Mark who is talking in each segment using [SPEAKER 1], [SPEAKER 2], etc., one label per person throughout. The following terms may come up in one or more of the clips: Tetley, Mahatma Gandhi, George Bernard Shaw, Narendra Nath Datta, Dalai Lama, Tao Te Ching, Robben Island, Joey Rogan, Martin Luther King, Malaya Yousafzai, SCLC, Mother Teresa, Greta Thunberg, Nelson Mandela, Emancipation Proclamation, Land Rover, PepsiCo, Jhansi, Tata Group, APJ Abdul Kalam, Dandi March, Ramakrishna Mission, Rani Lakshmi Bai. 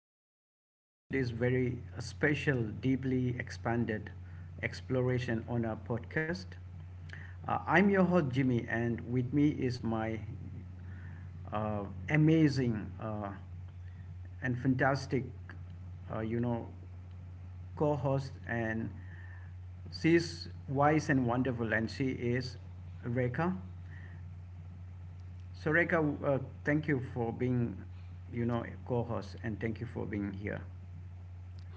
[SPEAKER 1] listeners. Welcome to this very special, deeply expanded exploration on our podcast. I'm your host, Jimmy, and with me is my amazing and fantastic, uh, you know, co host. And she's wise and wonderful, and she is Rekha. So Reka, uh, thank you for being, co-host, and thank you for being here.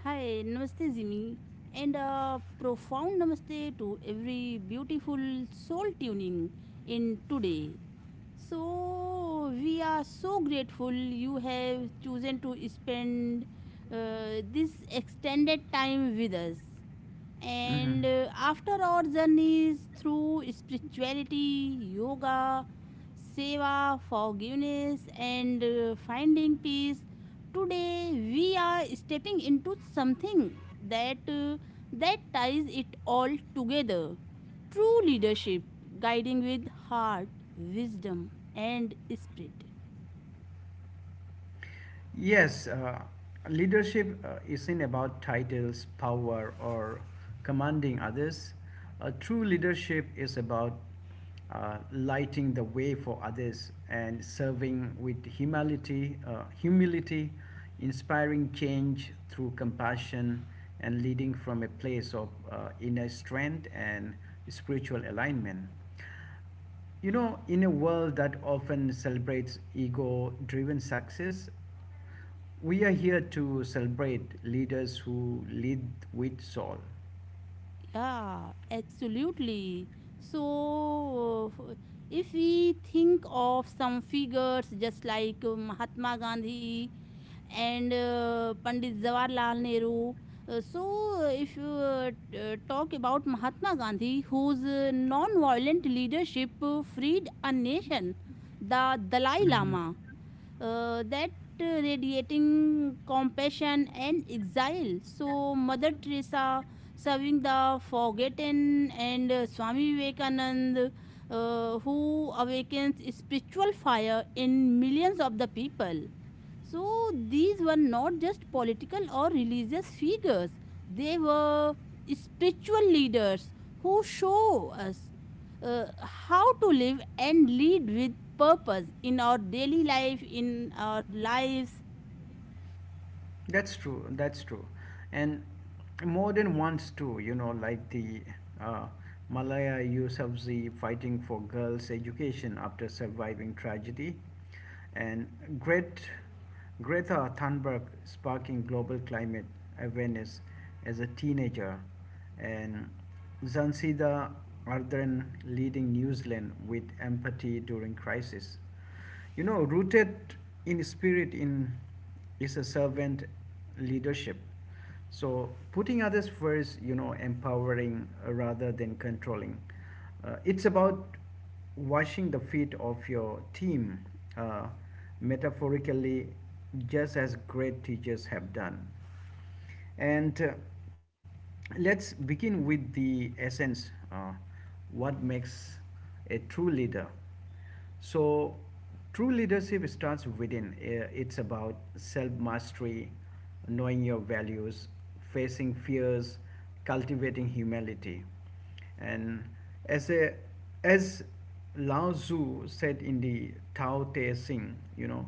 [SPEAKER 2] Hi, Namaste Jimmy, and a profound namaste to every beautiful soul tuning in today. So, we are so grateful you have chosen to spend this extended time with us.
[SPEAKER 1] Hmm.
[SPEAKER 2] And after our journeys through spirituality, yoga, seva, forgiveness, and finding peace, today we are stepping into something that uh, that ties it all together. True leadership, guiding with heart, wisdom, and spirit.
[SPEAKER 1] Yes, leadership isn't about titles, power, or commanding others. True leadership is about lighting the way for others and serving with humility, inspiring change through compassion, and leading from a place of inner strength and spiritual alignment. You know, in a world that often celebrates ego driven success, we are here to celebrate leaders who lead with soul.
[SPEAKER 2] Yeah, absolutely. So, if we think of some figures just like Mahatma Gandhi and Pandit Jawaharlal Nehru, uh, so if you talk about Mahatma Gandhi, whose non violent leadership freed a nation, the Dalai
[SPEAKER 1] Mhm.
[SPEAKER 2] Lama. That radiating compassion and exile. So, Mother Teresa serving the forgotten, and Swami Vivekananda, who awakens spiritual fire in millions of the people. So, these were not just political or religious figures, they were spiritual leaders who show us how to live and lead with purpose in our daily life, in our lives.
[SPEAKER 1] That's true. That's true, and more than once too. You know, like the uh, Malaya Yousafzai fighting for girls' education after surviving tragedy, and Gret, Greta Thunberg sparking global climate awareness as a teenager, and Zanzida Ardern leading New Zealand with empathy during crisis. You know, rooted in spirit in is a servant leadership. So putting others first, you know, empowering rather than controlling. It's about washing the feet of your team, uh, metaphorically, just as great teachers have done. And let's begin with the essence uh, what makes a true leader. So, true leadership starts within. It's about self mastery, knowing your values, facing fears, cultivating humility. And as a, as Lao Tzu said in the Tao Te Ching, you know,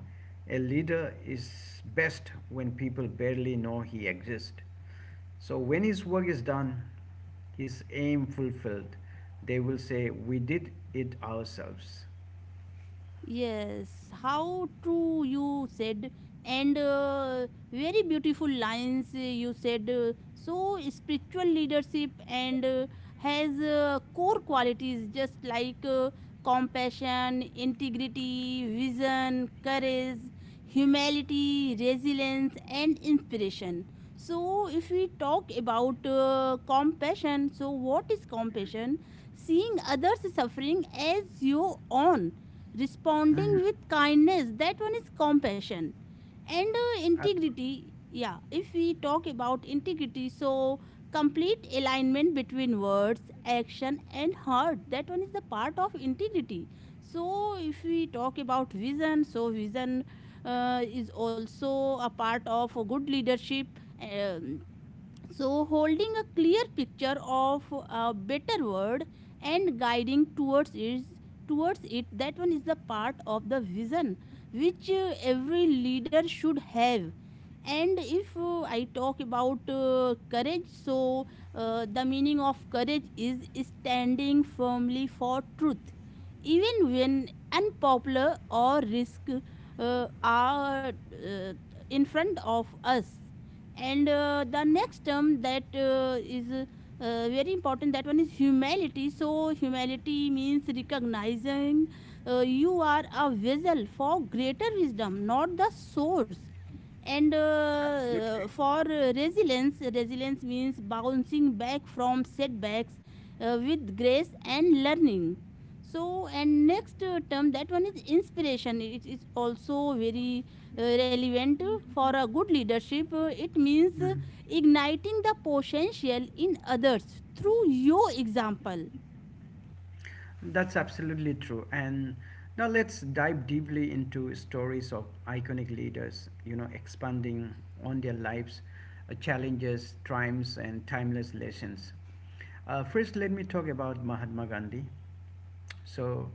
[SPEAKER 1] a leader is best when people barely know he exists. So when his work is done, his aim fulfilled, they will say, "We did it ourselves."
[SPEAKER 2] Yes, how true you said, and very beautiful lines you said. So, spiritual leadership, and has core qualities just like compassion, integrity, vision, courage, humility, resilience, and inspiration. So, if we talk about compassion, so what is compassion? Seeing others suffering as your own, responding
[SPEAKER 1] Mhm.
[SPEAKER 2] with kindness, that one is compassion. And
[SPEAKER 1] Ab-
[SPEAKER 2] integrity, yeah, if we talk about integrity, so complete alignment between words, action, and heart, that one is the part of integrity. So if we talk about vision, so vision is also a part of good leadership. So, holding a clear picture of a better world and guiding towards it, that one is the part of the vision which every leader should have. And if I talk about courage, so the meaning of courage is standing firmly for truth, even when unpopular or risk are in front of us. And the next term that is very important, that one is humility. So humility means recognizing you are a vessel for greater wisdom, not the source. And for resilience, resilience means bouncing back from setbacks with grace and learning. So, and next term, that one is inspiration, it is also very relevant for a good leadership. It means
[SPEAKER 1] mhm.
[SPEAKER 2] igniting the potential in others through your example.
[SPEAKER 1] That's absolutely true. And now let's dive deeply into stories of iconic leaders, you know, expanding on their lives, challenges, triumphs, and timeless lessons. First, let me talk about Mahatma Gandhi. So,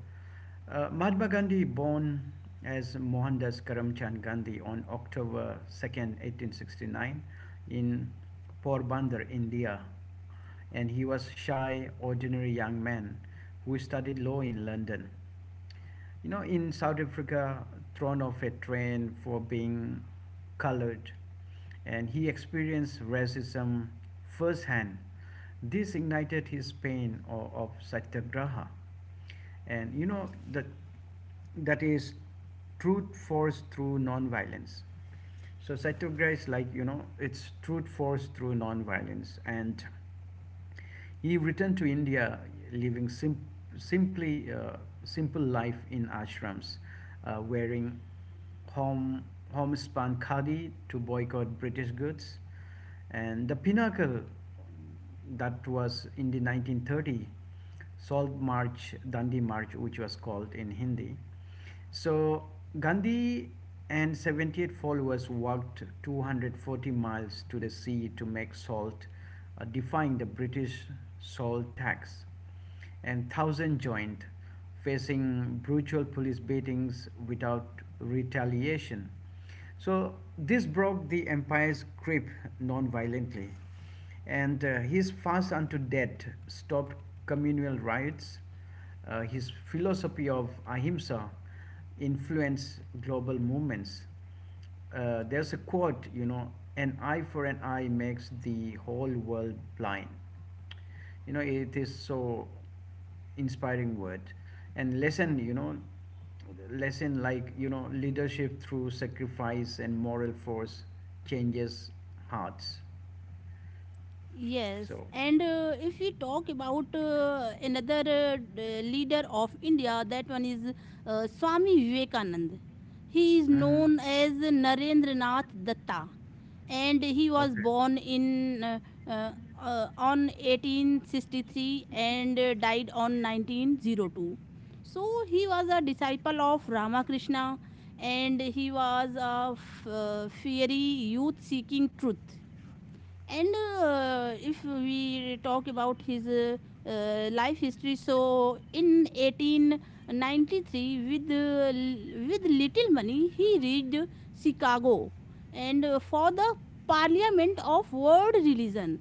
[SPEAKER 1] Mahatma Gandhi, born as Mohandas Karamchand Gandhi on October 2nd, 1869, in Porbandar, India, and he was shy, ordinary young man who studied law in London. You know, in South Africa, thrown off a train for being colored, and he experienced racism firsthand. This ignited his pain of satyagraha, and you know that that is truth force through non-violence. So satyagraha is like you know it's truth force through non-violence, and he returned to India, living sim- simply simple life in ashrams, wearing home homespun khadi to boycott British goods, and the pinnacle that was in the 1930 Salt March, Dandi March, which was called in Hindi. So Gandhi and 78 followers walked 240 miles to the sea to make salt, defying the British salt tax. And thousand joined, facing brutal police beatings without retaliation. So this broke the empire's grip non-violently, and his fast unto death stopped communal riots. His philosophy of ahimsa influenced global movements. There's a quote, you know, an eye for an eye makes the whole world blind, you know, it is so inspiring word and lesson, you know, lesson like you know leadership through sacrifice and moral force changes hearts.
[SPEAKER 2] Yes,
[SPEAKER 1] So
[SPEAKER 2] and if we talk about leader of India, that one is Swami Vivekanand. He is
[SPEAKER 1] mm-hmm.
[SPEAKER 2] known as Narendra Nath Datta, and he was
[SPEAKER 1] Okay.
[SPEAKER 2] born in uh, on 1863 and died on 1902. So he was a disciple of Ramakrishna, and he was a fiery youth seeking truth. And if we talk about his life history, so in 1893, with with little money he reached Chicago and for the parliament of world religion.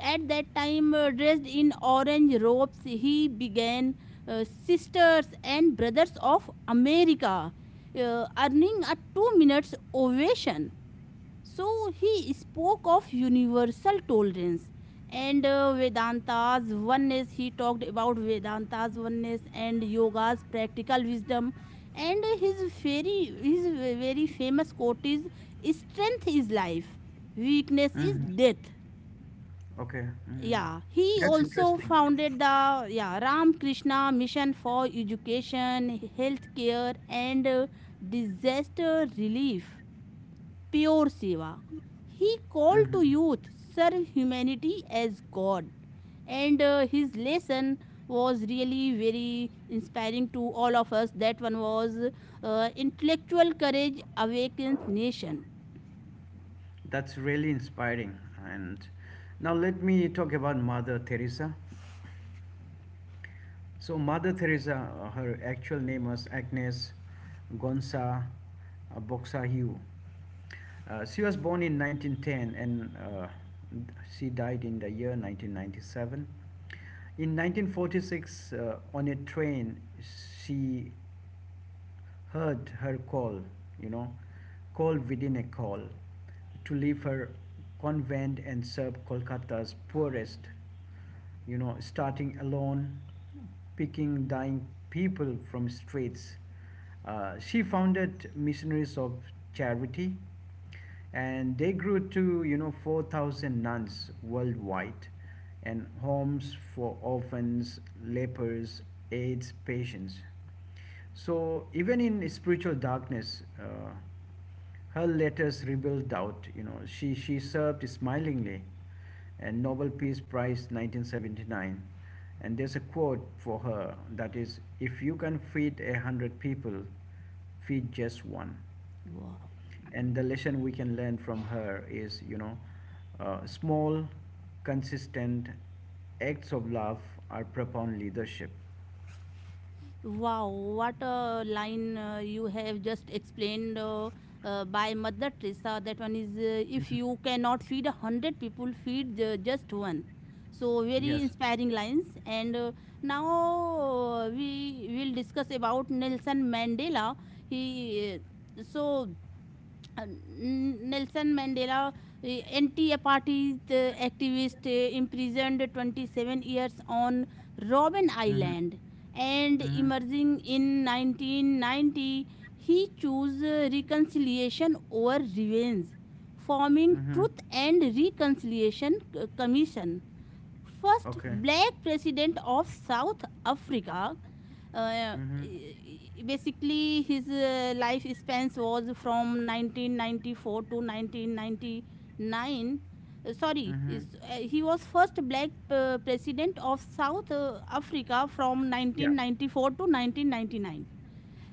[SPEAKER 2] At that time, dressed in orange robes, he began, sisters and brothers of America, earning a two minutes ovation. So he spoke of universal tolerance and Vedanta's oneness. He talked about Vedanta's oneness and yoga's practical wisdom. And his very famous quote is strength is life, weakness is
[SPEAKER 1] Mm-hmm.
[SPEAKER 2] death.
[SPEAKER 1] Okay. Mm-hmm.
[SPEAKER 2] Yeah, he
[SPEAKER 1] That's
[SPEAKER 2] also
[SPEAKER 1] interesting.
[SPEAKER 2] founded the, yeah, Ramakrishna Mission for Education, Healthcare, and Disaster Relief, pure Seva. He called to
[SPEAKER 1] Hmm.
[SPEAKER 2] youth, serve humanity as God. And his lesson was really very inspiring to all of us. That one was Intellectual Courage Awakens Nation.
[SPEAKER 1] That's really inspiring. And now let me talk about Mother Teresa. So Mother Teresa, her actual name was Agnes Gonza Boxahue. She was born in 1910 and she died in the year 1997. In 1946, on a train, she heard her call, you know, call within a call, to leave her convent and serve Kolkata's poorest, you know, starting alone, picking dying people from streets. She founded Missionaries of Charity, and they grew to you know 4,000 nuns worldwide, and homes for orphans, lepers, AIDS patients. So even in spiritual darkness, her letters rebuild doubt. You know, she served smilingly, and Nobel Peace Prize 1979. And there's a quote for her that is, "If you can feed 100 people, feed just one."
[SPEAKER 2] Wow.
[SPEAKER 1] And the lesson we can learn from her is, you know, small, consistent acts of love are profound leadership.
[SPEAKER 2] Wow, what a line you have just explained by Mother Teresa. That one is, if
[SPEAKER 1] Mhm.
[SPEAKER 2] you cannot feed 100 people, feed just one. So very
[SPEAKER 1] Yes.
[SPEAKER 2] inspiring lines. And now we will discuss about Nelson Mandela. He so uh, Nelson Mandela, anti-apartheid activist, imprisoned 27 years on Robben
[SPEAKER 1] Mhm.
[SPEAKER 2] Island, and
[SPEAKER 1] Mhm.
[SPEAKER 2] emerging in 1990, he chose reconciliation over revenge, forming
[SPEAKER 1] Mhm.
[SPEAKER 2] Truth and Reconciliation Commission, first
[SPEAKER 1] Okay.
[SPEAKER 2] black president of South Africa. Uh,
[SPEAKER 1] Mhm.
[SPEAKER 2] basically, his life spans was from 1994 to 1999.
[SPEAKER 1] Mhm.
[SPEAKER 2] He was first black president of South Africa from
[SPEAKER 1] Yeah,
[SPEAKER 2] 1994 to 1999.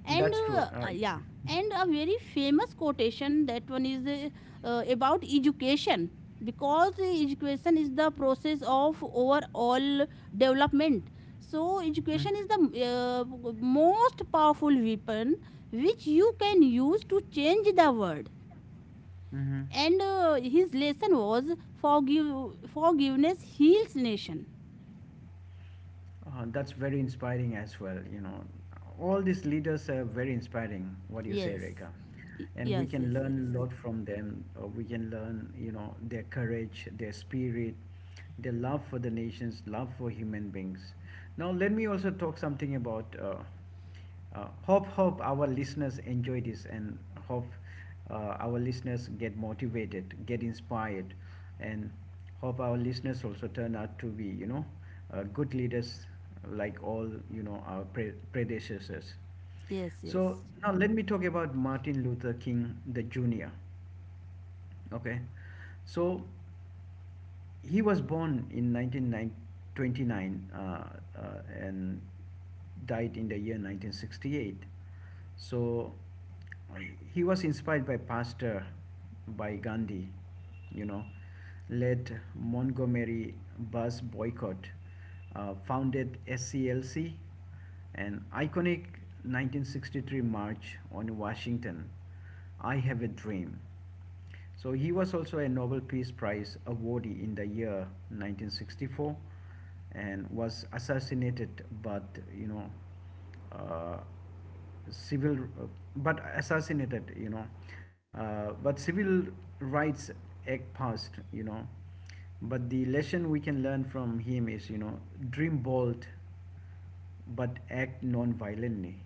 [SPEAKER 2] and
[SPEAKER 1] that's true.
[SPEAKER 2] uh, uh, yeah and a very famous quotation, that one is about education, because education is the process of overall development. So
[SPEAKER 1] Mhm.
[SPEAKER 2] education is the most powerful weapon which you can use to change the world.
[SPEAKER 1] Mhm.
[SPEAKER 2] And his lesson was forgive, forgiveness heals nation.
[SPEAKER 1] That's very inspiring as well. You know, all these leaders are very inspiring. What do you say,
[SPEAKER 2] Yes.
[SPEAKER 1] Reka?
[SPEAKER 2] Y-
[SPEAKER 1] And we
[SPEAKER 2] yes
[SPEAKER 1] can
[SPEAKER 2] yes yes
[SPEAKER 1] learn a lot from them. We can learn, you know, their courage, their spirit, their love for the nations, love for human beings. Now, let me also talk something about hope our listeners enjoy this and hope our listeners get motivated, get inspired, and hope our listeners also turn out to be you know good leaders like all you know our predecessors.
[SPEAKER 2] Yes,
[SPEAKER 1] So
[SPEAKER 2] yes,
[SPEAKER 1] now let me talk about Martin Luther King the Jr. Okay. So he was born in 1929 and died in the year 1968. So he was inspired by Pastor, by Gandhi, you know, led Montgomery bus boycott, founded SCLC, an iconic 1963 march on Washington. I have a dream, so he was also a Nobel Peace Prize awardee in the year 1964 and was assassinated, but you know uh, civil but assassinated you know but civil rights act passed, you know, but the lesson we can learn from him is, you know, dream bold but act non-violently.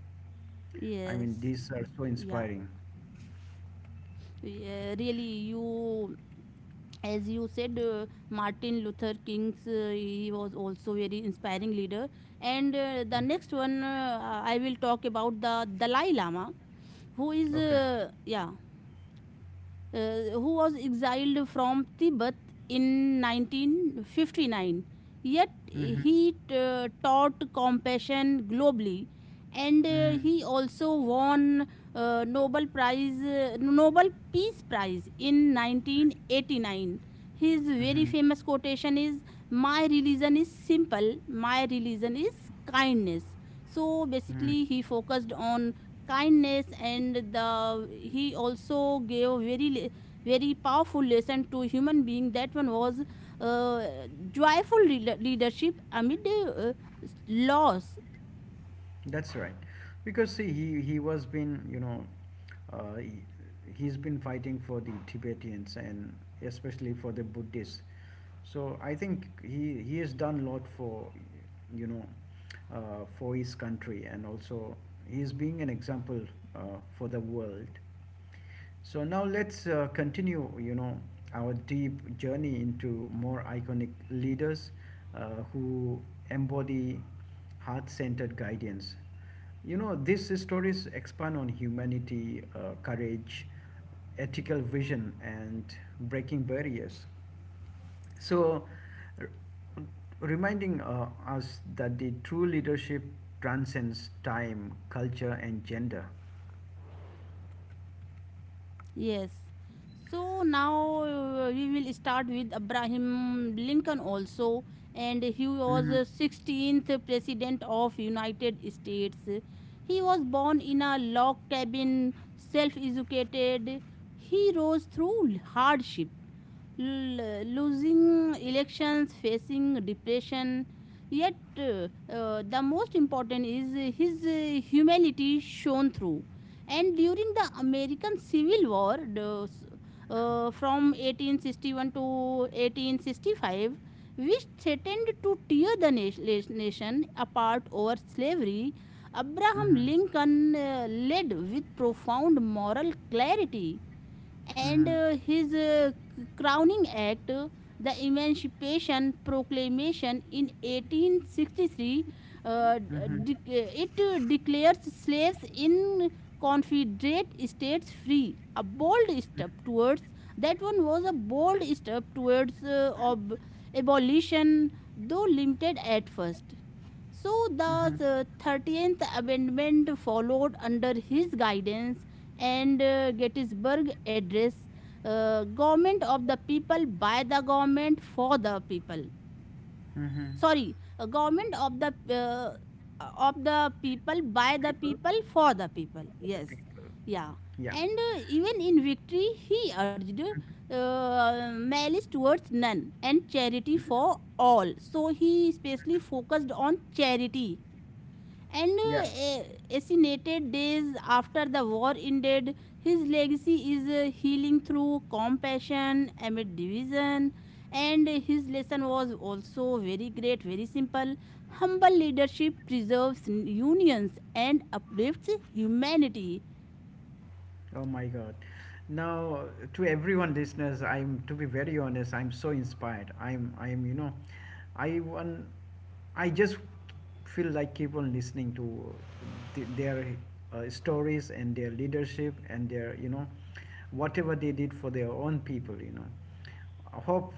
[SPEAKER 1] I mean
[SPEAKER 2] yes.
[SPEAKER 1] these are so
[SPEAKER 2] Yeah.
[SPEAKER 1] inspiring.
[SPEAKER 2] Yeah, really, you, as you said, Martin Luther King's, he was also very inspiring leader. And the next one, I will talk about the Dalai Lama, who is,
[SPEAKER 1] Okay.
[SPEAKER 2] who was exiled from Tibet in 1959. Yet
[SPEAKER 1] Mm-hmm.
[SPEAKER 2] he taught compassion globally, and
[SPEAKER 1] Mm-hmm.
[SPEAKER 2] he also won Nobel Prize, Nobel Peace Prize in 1989. His very
[SPEAKER 1] Mm-hmm.
[SPEAKER 2] famous quotation is, "My religion is simple. My religion is kindness." So
[SPEAKER 1] Mm-hmm.
[SPEAKER 2] basically, he focused on kindness. And the, he also gave very powerful lesson to human being, that one was joyful leadership amid uh, loss.
[SPEAKER 1] That's right. Because see, he was been you know, uh, he, he's been fighting for the Tibetans and especially for the Buddhists. So I think he has done a lot for you know, for his country and also he's being an example for the world. So now let's continue, you know, our deep journey into more iconic leaders who embody heart-centered guidance. You know, these stories expand on humanity, courage, ethical vision, and breaking barriers. So, r- reminding us that the true leadership transcends time, culture, and gender.
[SPEAKER 2] Yes, so now we will start with Abraham Lincoln also, and he was
[SPEAKER 1] Hmm.
[SPEAKER 2] the 16th president of United States. He was born in a log cabin, self-educated. He rose through hardship, losing elections, facing depression. Yet, the most important is his humanity shone through. And during the American Civil War, the, from 1861 to 1865, which threatened to tear the nation apart over slavery, Abraham
[SPEAKER 1] Hmm.
[SPEAKER 2] Lincoln led with profound moral clarity. And
[SPEAKER 1] Mm-hmm.
[SPEAKER 2] his crowning act, the Emancipation Proclamation in 1863,
[SPEAKER 1] Mm-hmm.
[SPEAKER 2] de- it declares slaves in Confederate states free. A bold step towards, that one was a bold step towards abolition, though limited at first. So
[SPEAKER 1] Mm-hmm.
[SPEAKER 2] the 13th Amendment followed under his guidance. And Gettysburg Address, government of the people by the government for the people.
[SPEAKER 1] Mm-hmm.
[SPEAKER 2] Sorry, government of the people by the
[SPEAKER 1] People,
[SPEAKER 2] people for the people.
[SPEAKER 1] the
[SPEAKER 2] Yes,
[SPEAKER 1] people.
[SPEAKER 2] yeah.
[SPEAKER 1] Yeah.
[SPEAKER 2] And even in victory, he urged malice towards none and charity for all. So he especially focused on charity. and
[SPEAKER 1] Yeah.
[SPEAKER 2] uh, eh, Assassinated days after the war ended. His legacy is healing through compassion amid division. And his lesson was also very great, very simple. Humble leadership preserves unions and uplifts humanity.
[SPEAKER 1] Oh my God. Now, to everyone listeners, I'm to be very honest, I'm so inspired. I'm you know, I want I just feel like keep on listening to their stories and their leadership and their you know whatever they did for their own people, you know. I hope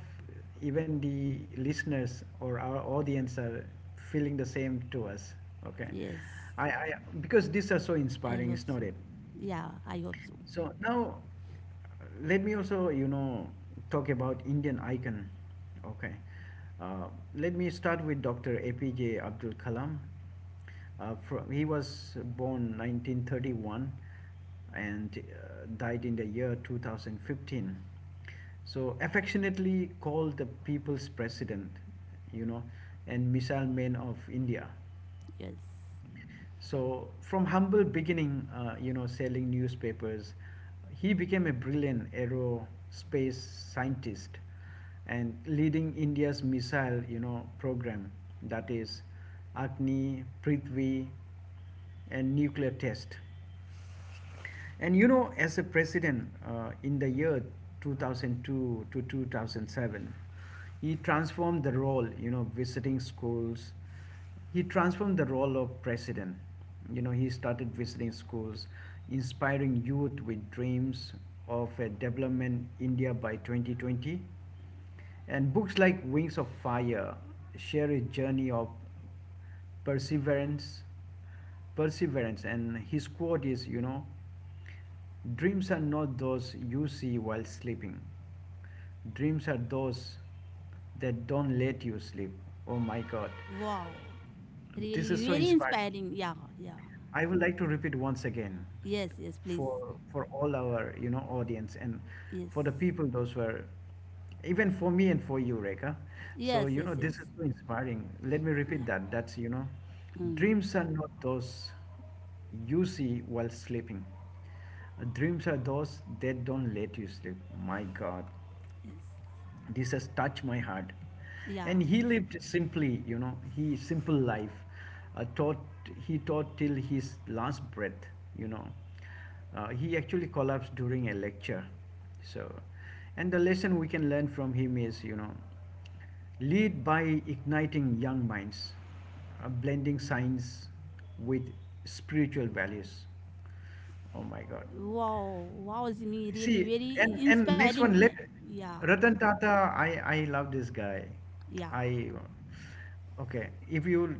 [SPEAKER 1] even the listeners or our audience are feeling the same to us. Okay.
[SPEAKER 2] Yes,
[SPEAKER 1] I, because these are so
[SPEAKER 2] I
[SPEAKER 1] inspiring,
[SPEAKER 2] hope
[SPEAKER 1] it's not
[SPEAKER 2] so.
[SPEAKER 1] it.
[SPEAKER 2] Yeah, I hope so.
[SPEAKER 1] So now, let me also, you know, talk about Indian icon. Okay. Uh, let me start with Dr. APJ Abdul Kalam. He was born 1931 and died in the year 2015. So affectionately called the people's president, you know, and missile man of India.
[SPEAKER 2] Yes.
[SPEAKER 1] So, from humble beginning, you know, selling newspapers, he became a brilliant aerospace scientist and leading India's missile, you know, program that is Agni, Prithvi, and nuclear test. And you know, as a president in the year 2002 to 2007, he transformed the role, you know, visiting schools. He transformed the role of president. You know, he started visiting schools, inspiring youth with dreams of a development India by 2020. And books like Wings of Fire share a journey of perseverance perseverance and his quote is, you know, dreams are not those you see while sleeping, dreams are those that don't let you sleep. Oh my god,
[SPEAKER 2] Wow.
[SPEAKER 1] this
[SPEAKER 2] Really,
[SPEAKER 1] is so
[SPEAKER 2] very
[SPEAKER 1] inspiring.
[SPEAKER 2] inspiring. Yeah, yeah.
[SPEAKER 1] I would like to repeat once again
[SPEAKER 2] Yes, yes, please.
[SPEAKER 1] for all our you know audience and
[SPEAKER 2] Yes.
[SPEAKER 1] for the people those were even for me and for you Reka. So
[SPEAKER 2] Yes,
[SPEAKER 1] you
[SPEAKER 2] yes,
[SPEAKER 1] know
[SPEAKER 2] yes.
[SPEAKER 1] this is so inspiring. Let me
[SPEAKER 2] Yeah.
[SPEAKER 1] repeat that. That's you know
[SPEAKER 2] Mm,
[SPEAKER 1] dreams are not those you see while sleeping. Dreams are those that don't let you sleep. My God,
[SPEAKER 2] yes.
[SPEAKER 1] this has touched my heart,
[SPEAKER 2] Yeah.
[SPEAKER 1] and he lived simply, you know, he simple life, taught he taught till his last breath, you know, he actually collapsed during a lecture. So and the lesson we can learn from him is, you know, lead by igniting young minds, blending science with spiritual values. Oh my god.
[SPEAKER 2] Wow. Wow, Jimmy. Really
[SPEAKER 1] See, and
[SPEAKER 2] very
[SPEAKER 1] and next
[SPEAKER 2] inspiring.
[SPEAKER 1] one, let
[SPEAKER 2] Yeah.
[SPEAKER 1] Ratan Tata. I love this guy.
[SPEAKER 2] Yeah.
[SPEAKER 1] I okay. If you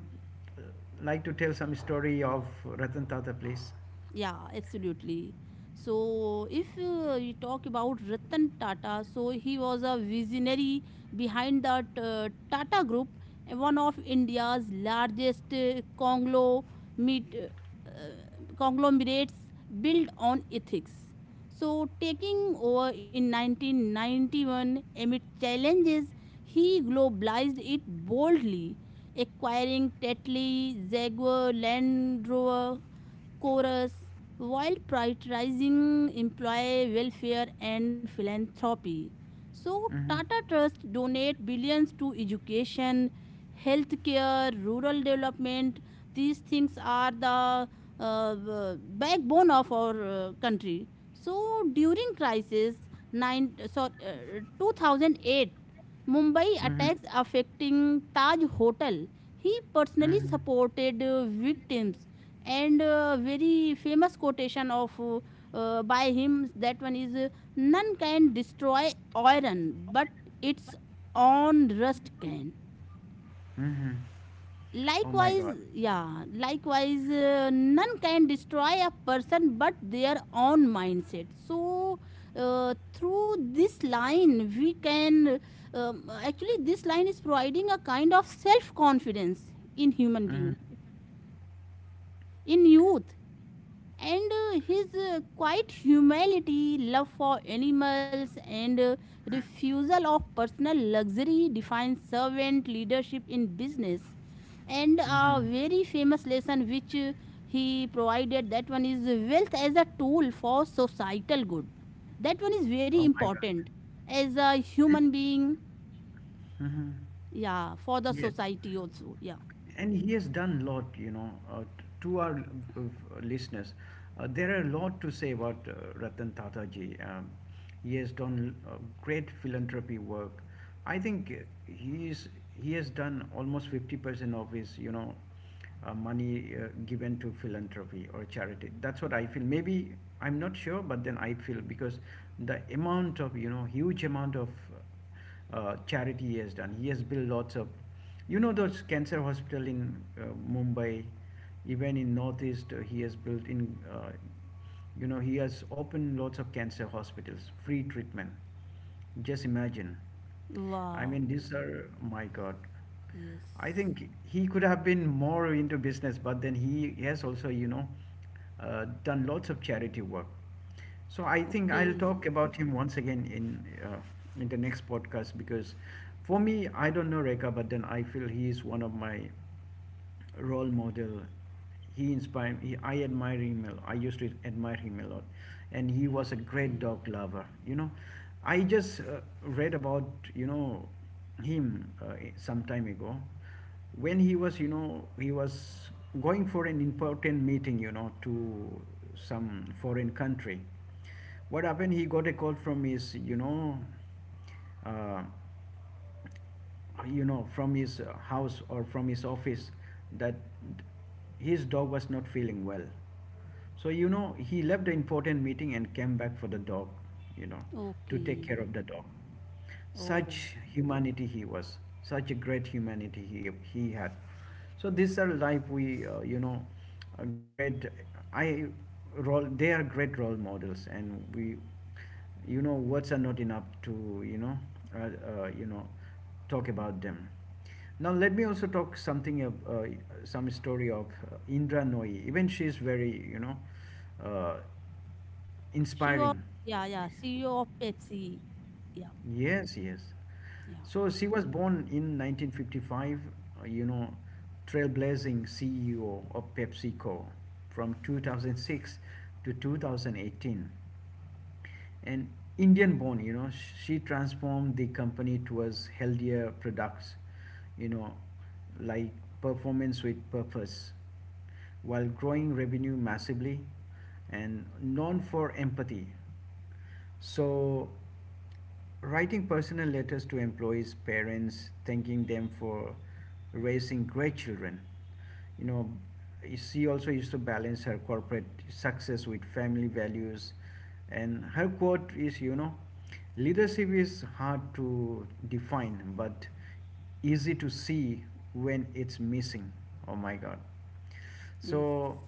[SPEAKER 1] like to tell some story of Ratan Tata, please.
[SPEAKER 2] Yeah, absolutely. So, if we talk about Ratan Tata, so he was a visionary behind the Tata Group, one of India's largest conglomerates built on ethics. So, taking over in 1991 amid challenges, he globalized it boldly, acquiring Tetley, Jaguar, Land Rover, Chorus, while prioritizing employee welfare and philanthropy. So,
[SPEAKER 1] Mm-hmm.
[SPEAKER 2] Tata Trust donate billions to education, healthcare, rural development. These things are the uh, backbone of our country. So, during crisis nine, so, 2008, Mumbai
[SPEAKER 1] Mm-hmm.
[SPEAKER 2] attacks affecting Taj Hotel. He personally
[SPEAKER 1] Mm-hmm.
[SPEAKER 2] supported victims. And very famous quotation of by him, that one is, none can destroy iron but its own rust can.
[SPEAKER 1] Mm-hmm. Oh my
[SPEAKER 2] Likewise,
[SPEAKER 1] God.
[SPEAKER 2] none can destroy a person but their own mindset. So through this line we can, actually this line is providing a kind of self confidence in human being,
[SPEAKER 1] Mm-hmm.
[SPEAKER 2] in youth. And his quiet humility, love for animals, and refusal of personal luxury defines servant leadership in business. And a
[SPEAKER 1] Mm-hmm.
[SPEAKER 2] very famous lesson which he provided, that one is wealth as a tool for societal good. That one is very
[SPEAKER 1] Oh my God.
[SPEAKER 2] important as a human being,
[SPEAKER 1] Mm-hmm.
[SPEAKER 2] yeah, for the
[SPEAKER 1] Yes.
[SPEAKER 2] society also. Yeah.
[SPEAKER 1] And he has done a lot, you know, to our uh, listeners. There are a lot to say about Ratan Tata ji. He has done great philanthropy work. I think he has done almost 50% of his, you know, money given to philanthropy or charity. That's what I feel. Maybe I'm not sure, but then I feel because the amount of, you know, huge amount of charity he has done. He has built lots of, those cancer hospital in Mumbai, even in Northeast, he has built in, he has opened lots of cancer hospitals, free treatment. Just imagine. I mean,
[SPEAKER 2] Wow.
[SPEAKER 1] these are, my God. I
[SPEAKER 2] Yes.
[SPEAKER 1] think he could have been more into business, but then he has also, done lots of charity work. So I think I'll
[SPEAKER 2] Okay.
[SPEAKER 1] talk about him once again uh, in the next podcast because for me, I don't know Reka, but then I feel he is one of my role model. He inspired me. I admire him a lot. I used to admire him a lot. And he was a great
[SPEAKER 2] Okay.
[SPEAKER 1] dog lover. I just read about, you know, him some time ago when he was, you know, he was going for an important meeting, you know, to some foreign country. What happened? He got a call from his, uh, from his house or from his office that his dog was not feeling well. So, you know, he left the important meeting and came back for the dog, you know, to take care
[SPEAKER 2] Okay.
[SPEAKER 1] of the dog.
[SPEAKER 2] Oh.
[SPEAKER 1] Such humanity he was, such a great humanity he had. So, these are like we, you know, a great, I, role, they are great role models and we. Words are not enough to uh, uh, you know talk about them. Now let me also talk something of some story of Indra Nooyi. Even she is very uh,
[SPEAKER 2] She was,
[SPEAKER 1] inspiring.
[SPEAKER 2] yeah, yeah, CEO of Pepsi. Yeah,
[SPEAKER 1] Yes, yes.
[SPEAKER 2] yeah,
[SPEAKER 1] So she was born in 1955, uh, you know, trailblazing CEO of PepsiCo from 2006 to 2018. An Indian born, you know, she transformed the company towards healthier products, you know, like performance with purpose, while growing revenue massively and known for empathy. So writing personal letters to employees' parents, thanking them for raising great children. You know, she also used to balance her corporate success with family values. And her quote is, you know, leadership is hard to define, but easy to see when it's missing. Oh my God.
[SPEAKER 2] yes.
[SPEAKER 1] So,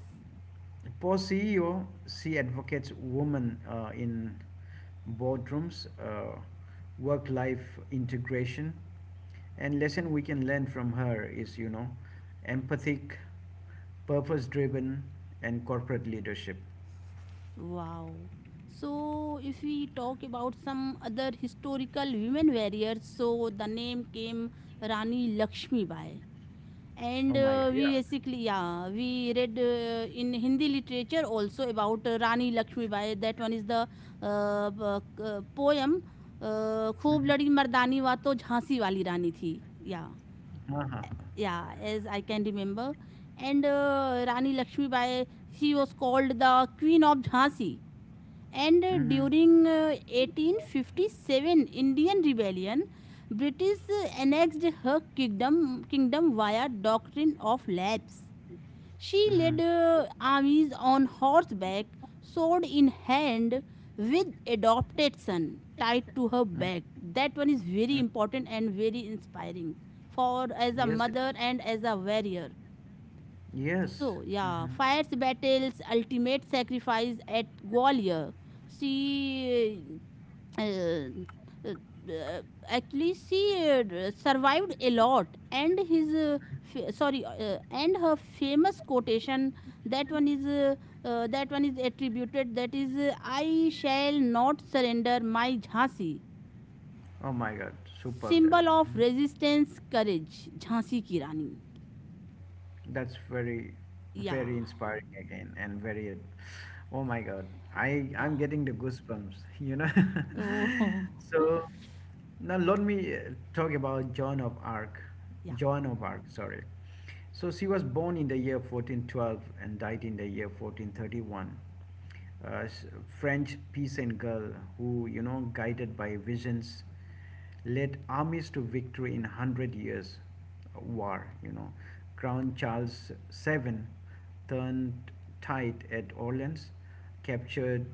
[SPEAKER 1] Posseo, she advocates women in boardrooms, work life integration, and lesson we can learn from her is, you know, empathic, purpose driven, and corporate leadership.
[SPEAKER 2] Wow. So, if we talk about some other historical women warriors, so the name came, Rani Lakshmi Bai. And
[SPEAKER 1] Oh my God, yeah.
[SPEAKER 2] we basically, yeah, we read in Hindi literature also about Rani Lakshmi Bai. That one is the poem, खूब
[SPEAKER 1] Hmm.
[SPEAKER 2] लड़ी मर्दानी वा तो झांसी वाली रानी थी या,
[SPEAKER 1] Uh-huh.
[SPEAKER 2] yeah, as I can remember. And Rani Lakshmibai, she was called the queen of Jhansi. And
[SPEAKER 1] Mm-hmm.
[SPEAKER 2] during 1857 Indian rebellion, British annexed her kingdom, kingdom via doctrine of lapse. She
[SPEAKER 1] Mm-hmm.
[SPEAKER 2] led armies on horseback, sword in hand, with adopted son tied to her
[SPEAKER 1] Mm-hmm.
[SPEAKER 2] back. That one is very important and very inspiring for as a
[SPEAKER 1] Yes, it
[SPEAKER 2] mother
[SPEAKER 1] is.
[SPEAKER 2] and as a warrior.
[SPEAKER 1] Yes.
[SPEAKER 2] So yeah,
[SPEAKER 1] Mm-hmm.
[SPEAKER 2] fierce battles, ultimate sacrifice at Gwalior. She uh, uh, uh, actually she survived a lot. And his f- sorry and her famous quotation, that one is uh, that one is attributed, that is, I shall not surrender my Jhansi.
[SPEAKER 1] Oh my God, superb that.
[SPEAKER 2] Symbol of
[SPEAKER 1] Mhm.
[SPEAKER 2] resistance, courage, Jhansi ki Rani.
[SPEAKER 1] That's very,
[SPEAKER 2] Yeah.
[SPEAKER 1] very inspiring again, and very, oh my God, I'm
[SPEAKER 2] Yeah.
[SPEAKER 1] getting the goosebumps, you know.
[SPEAKER 2] Oh.
[SPEAKER 1] So now let me talk about
[SPEAKER 2] Yeah.
[SPEAKER 1] Joan of Arc, sorry. So she was born in the year 1412 and died in the year 1431. uh, French peasant girl who, you know, guided by visions, led armies to victory in Hundred Years' War. You know, Crown Charles VII turned tide at Orleans, captured,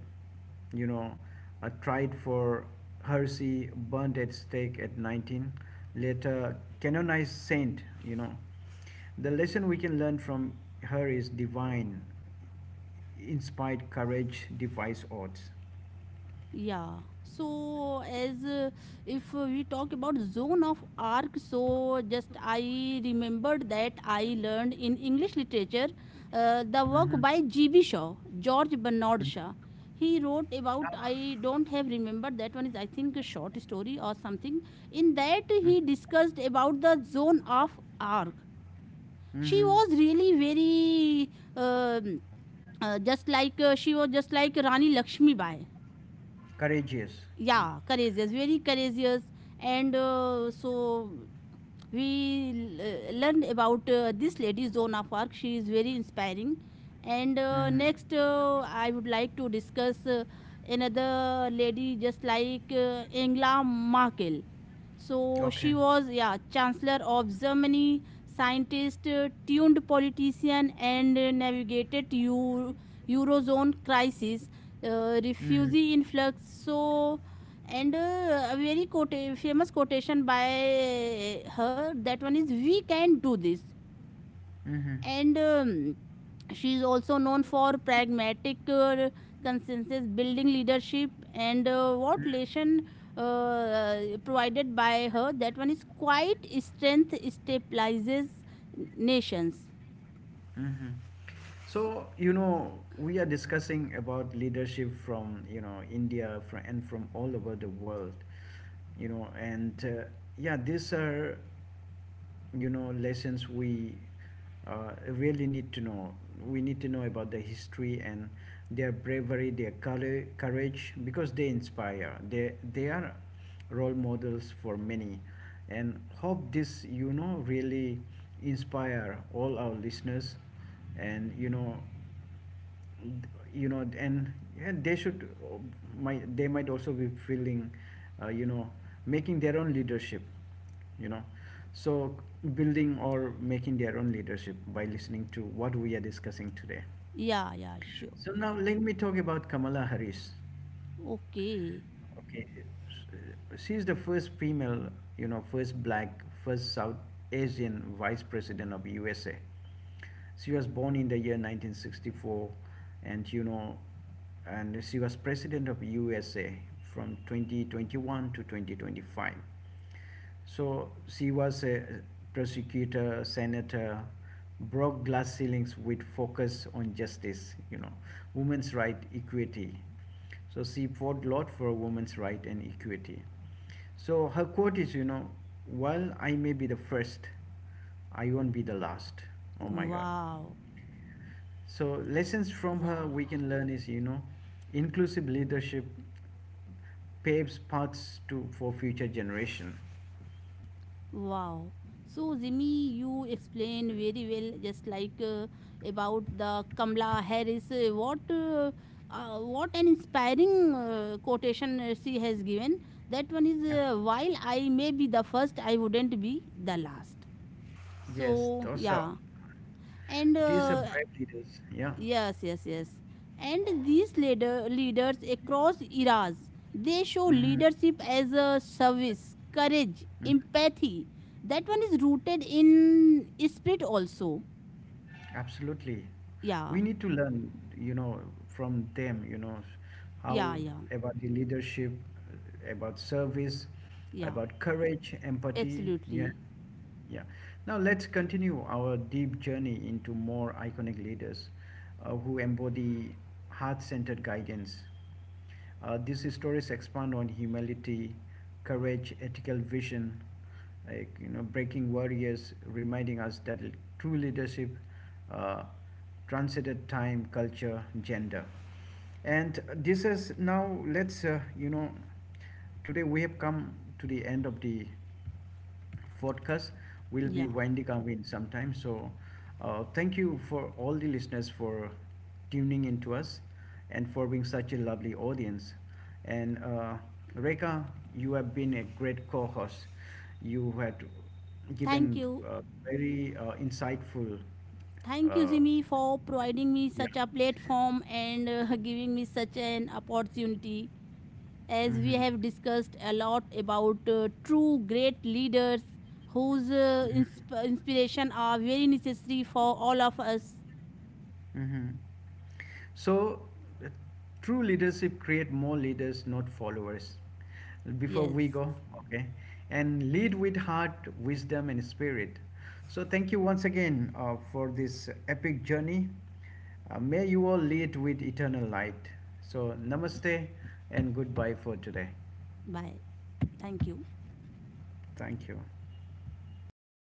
[SPEAKER 1] you know, tried for heresy, burned at stake at 19, later canonized saint. You know, the lesson we can learn from her is divine inspired courage defies odds.
[SPEAKER 2] Yeah. So, as if we talk about Zone of Arc, so just I remembered that I learned in English literature the work
[SPEAKER 1] Mhm.
[SPEAKER 2] by GB. Shaw, George Bernard
[SPEAKER 1] Mhm.
[SPEAKER 2] Shaw. He wrote about,
[SPEAKER 1] Ah.
[SPEAKER 2] I don't have remembered that one is, I think, a short story or something. In that,
[SPEAKER 1] Mhm.
[SPEAKER 2] he discussed about the Zone of Arc. She
[SPEAKER 1] Mhm.
[SPEAKER 2] was really very, just like, she was just like Rani Lakshmi Bai.
[SPEAKER 1] Courageous.
[SPEAKER 2] Yeah, courageous, very courageous. And learned about this lady Zona Fark, she is very inspiring. And
[SPEAKER 1] Mhm.
[SPEAKER 2] next I would like to discuss another lady just like Angela Merkel. So she
[SPEAKER 1] Okay.
[SPEAKER 2] was, yeah, chancellor of Germany, scientist tuned politician, and navigated eurozone crisis,
[SPEAKER 1] Mhm.
[SPEAKER 2] refugee influx. And a very famous quotation by her, that one is, we can do this.
[SPEAKER 1] Mhm.
[SPEAKER 2] And she is also known for pragmatic consensus building leadership. And uh, what
[SPEAKER 1] Mhm.
[SPEAKER 2] lesson uh, provided by her, that one is, quite strength stabilizes nations.
[SPEAKER 1] Hmm.
[SPEAKER 2] S-
[SPEAKER 1] So you know we are discussing about leadership from, you know, India, from, and from all over the world, you know, and yeah, these are, you know, lessons we really need to know. We need to know about the history and their bravery, their courage, courage because they inspire. They are role models for many, and hope this, you know, really inspire all our listeners, and you know and they should might, they might also be feeling uh, you know making their own leadership, you know, so building or making their own leadership by listening to what we are discussing today.
[SPEAKER 2] yeah, yeah, sure.
[SPEAKER 1] So now let me talk about Kamala Harris.
[SPEAKER 2] Okay.
[SPEAKER 1] Okay, she's the first female, you know, first black, first South Asian vice president of USA. She was born in the year 1964, and you know, and she was president of USA from 2021 to 2025. So she was a prosecutor, senator, broke glass ceilings with focus on justice, you know, women's right, equity. So she fought a lot for women's right and equity. So her quote is, you know, while I may be the first, I won't be the last. Oh my God.
[SPEAKER 2] Wow.
[SPEAKER 1] So lessons from her
[SPEAKER 2] Yeah.
[SPEAKER 1] we can learn is, you know, inclusive leadership paves paths to for future generation.
[SPEAKER 2] Wow. So, Jimmy, you explain very well, just like about the Kamala Harris. What what an inspiring quotation she has given. That one is,
[SPEAKER 1] Absolutely.
[SPEAKER 2] while I may be the first, I wouldn't be the last.
[SPEAKER 1] Yes,
[SPEAKER 2] So,
[SPEAKER 1] those are
[SPEAKER 2] yeah. And
[SPEAKER 1] these are brave leaders. Yeah.
[SPEAKER 2] yes, yes, yes. And these leaders across eras, they show
[SPEAKER 1] Hmm.
[SPEAKER 2] leadership as a service, courage,
[SPEAKER 1] Hmm.
[SPEAKER 2] empathy. That one is rooted in spirit also.
[SPEAKER 1] Absolutely. We
[SPEAKER 2] Yeah,
[SPEAKER 1] need to learn, you know, from them, you know,
[SPEAKER 2] yeah,
[SPEAKER 1] how
[SPEAKER 2] yeah,
[SPEAKER 1] about the leadership, about service,
[SPEAKER 2] yeah.
[SPEAKER 1] about courage, empathy. Yeah.
[SPEAKER 2] Absolutely.
[SPEAKER 1] Yeah. Now let's continue our deep journey into more iconic leaders who embody heart centered guidance. These stories expand on humility, courage, ethical vision, like, you know, breaking barriers, reminding us that true leadership uh, transcended time, culture, gender. And this is now. Let's, today we have come to the end of the podcast, will be
[SPEAKER 2] Yeah.
[SPEAKER 1] windy coming sometime. So, thank you for all the listeners for tuning in to us and for being such a lovely audience. And Reka, you have been a great co-host. You had
[SPEAKER 2] Thank
[SPEAKER 1] given
[SPEAKER 2] you.
[SPEAKER 1] very insightful.
[SPEAKER 2] Thank you,
[SPEAKER 1] Uh,
[SPEAKER 2] Zimi, for providing me
[SPEAKER 1] yeah.
[SPEAKER 2] such a platform and giving me such an opportunity. As
[SPEAKER 1] Mm-hmm.
[SPEAKER 2] we
[SPEAKER 1] Mm-hmm.
[SPEAKER 2] have discussed a lot about true great leaders, whose inspiration are very necessary for all of us.
[SPEAKER 1] Hmm. So, uh, true leadership create more leaders, not followers. Before
[SPEAKER 2] Yes.
[SPEAKER 1] we go, okay, and lead with heart, wisdom, and spirit. So, thank you once again for this epic journey. May you all lead with eternal light. So, namaste and goodbye for today.
[SPEAKER 2] Bye. Thank you.
[SPEAKER 1] Thank you.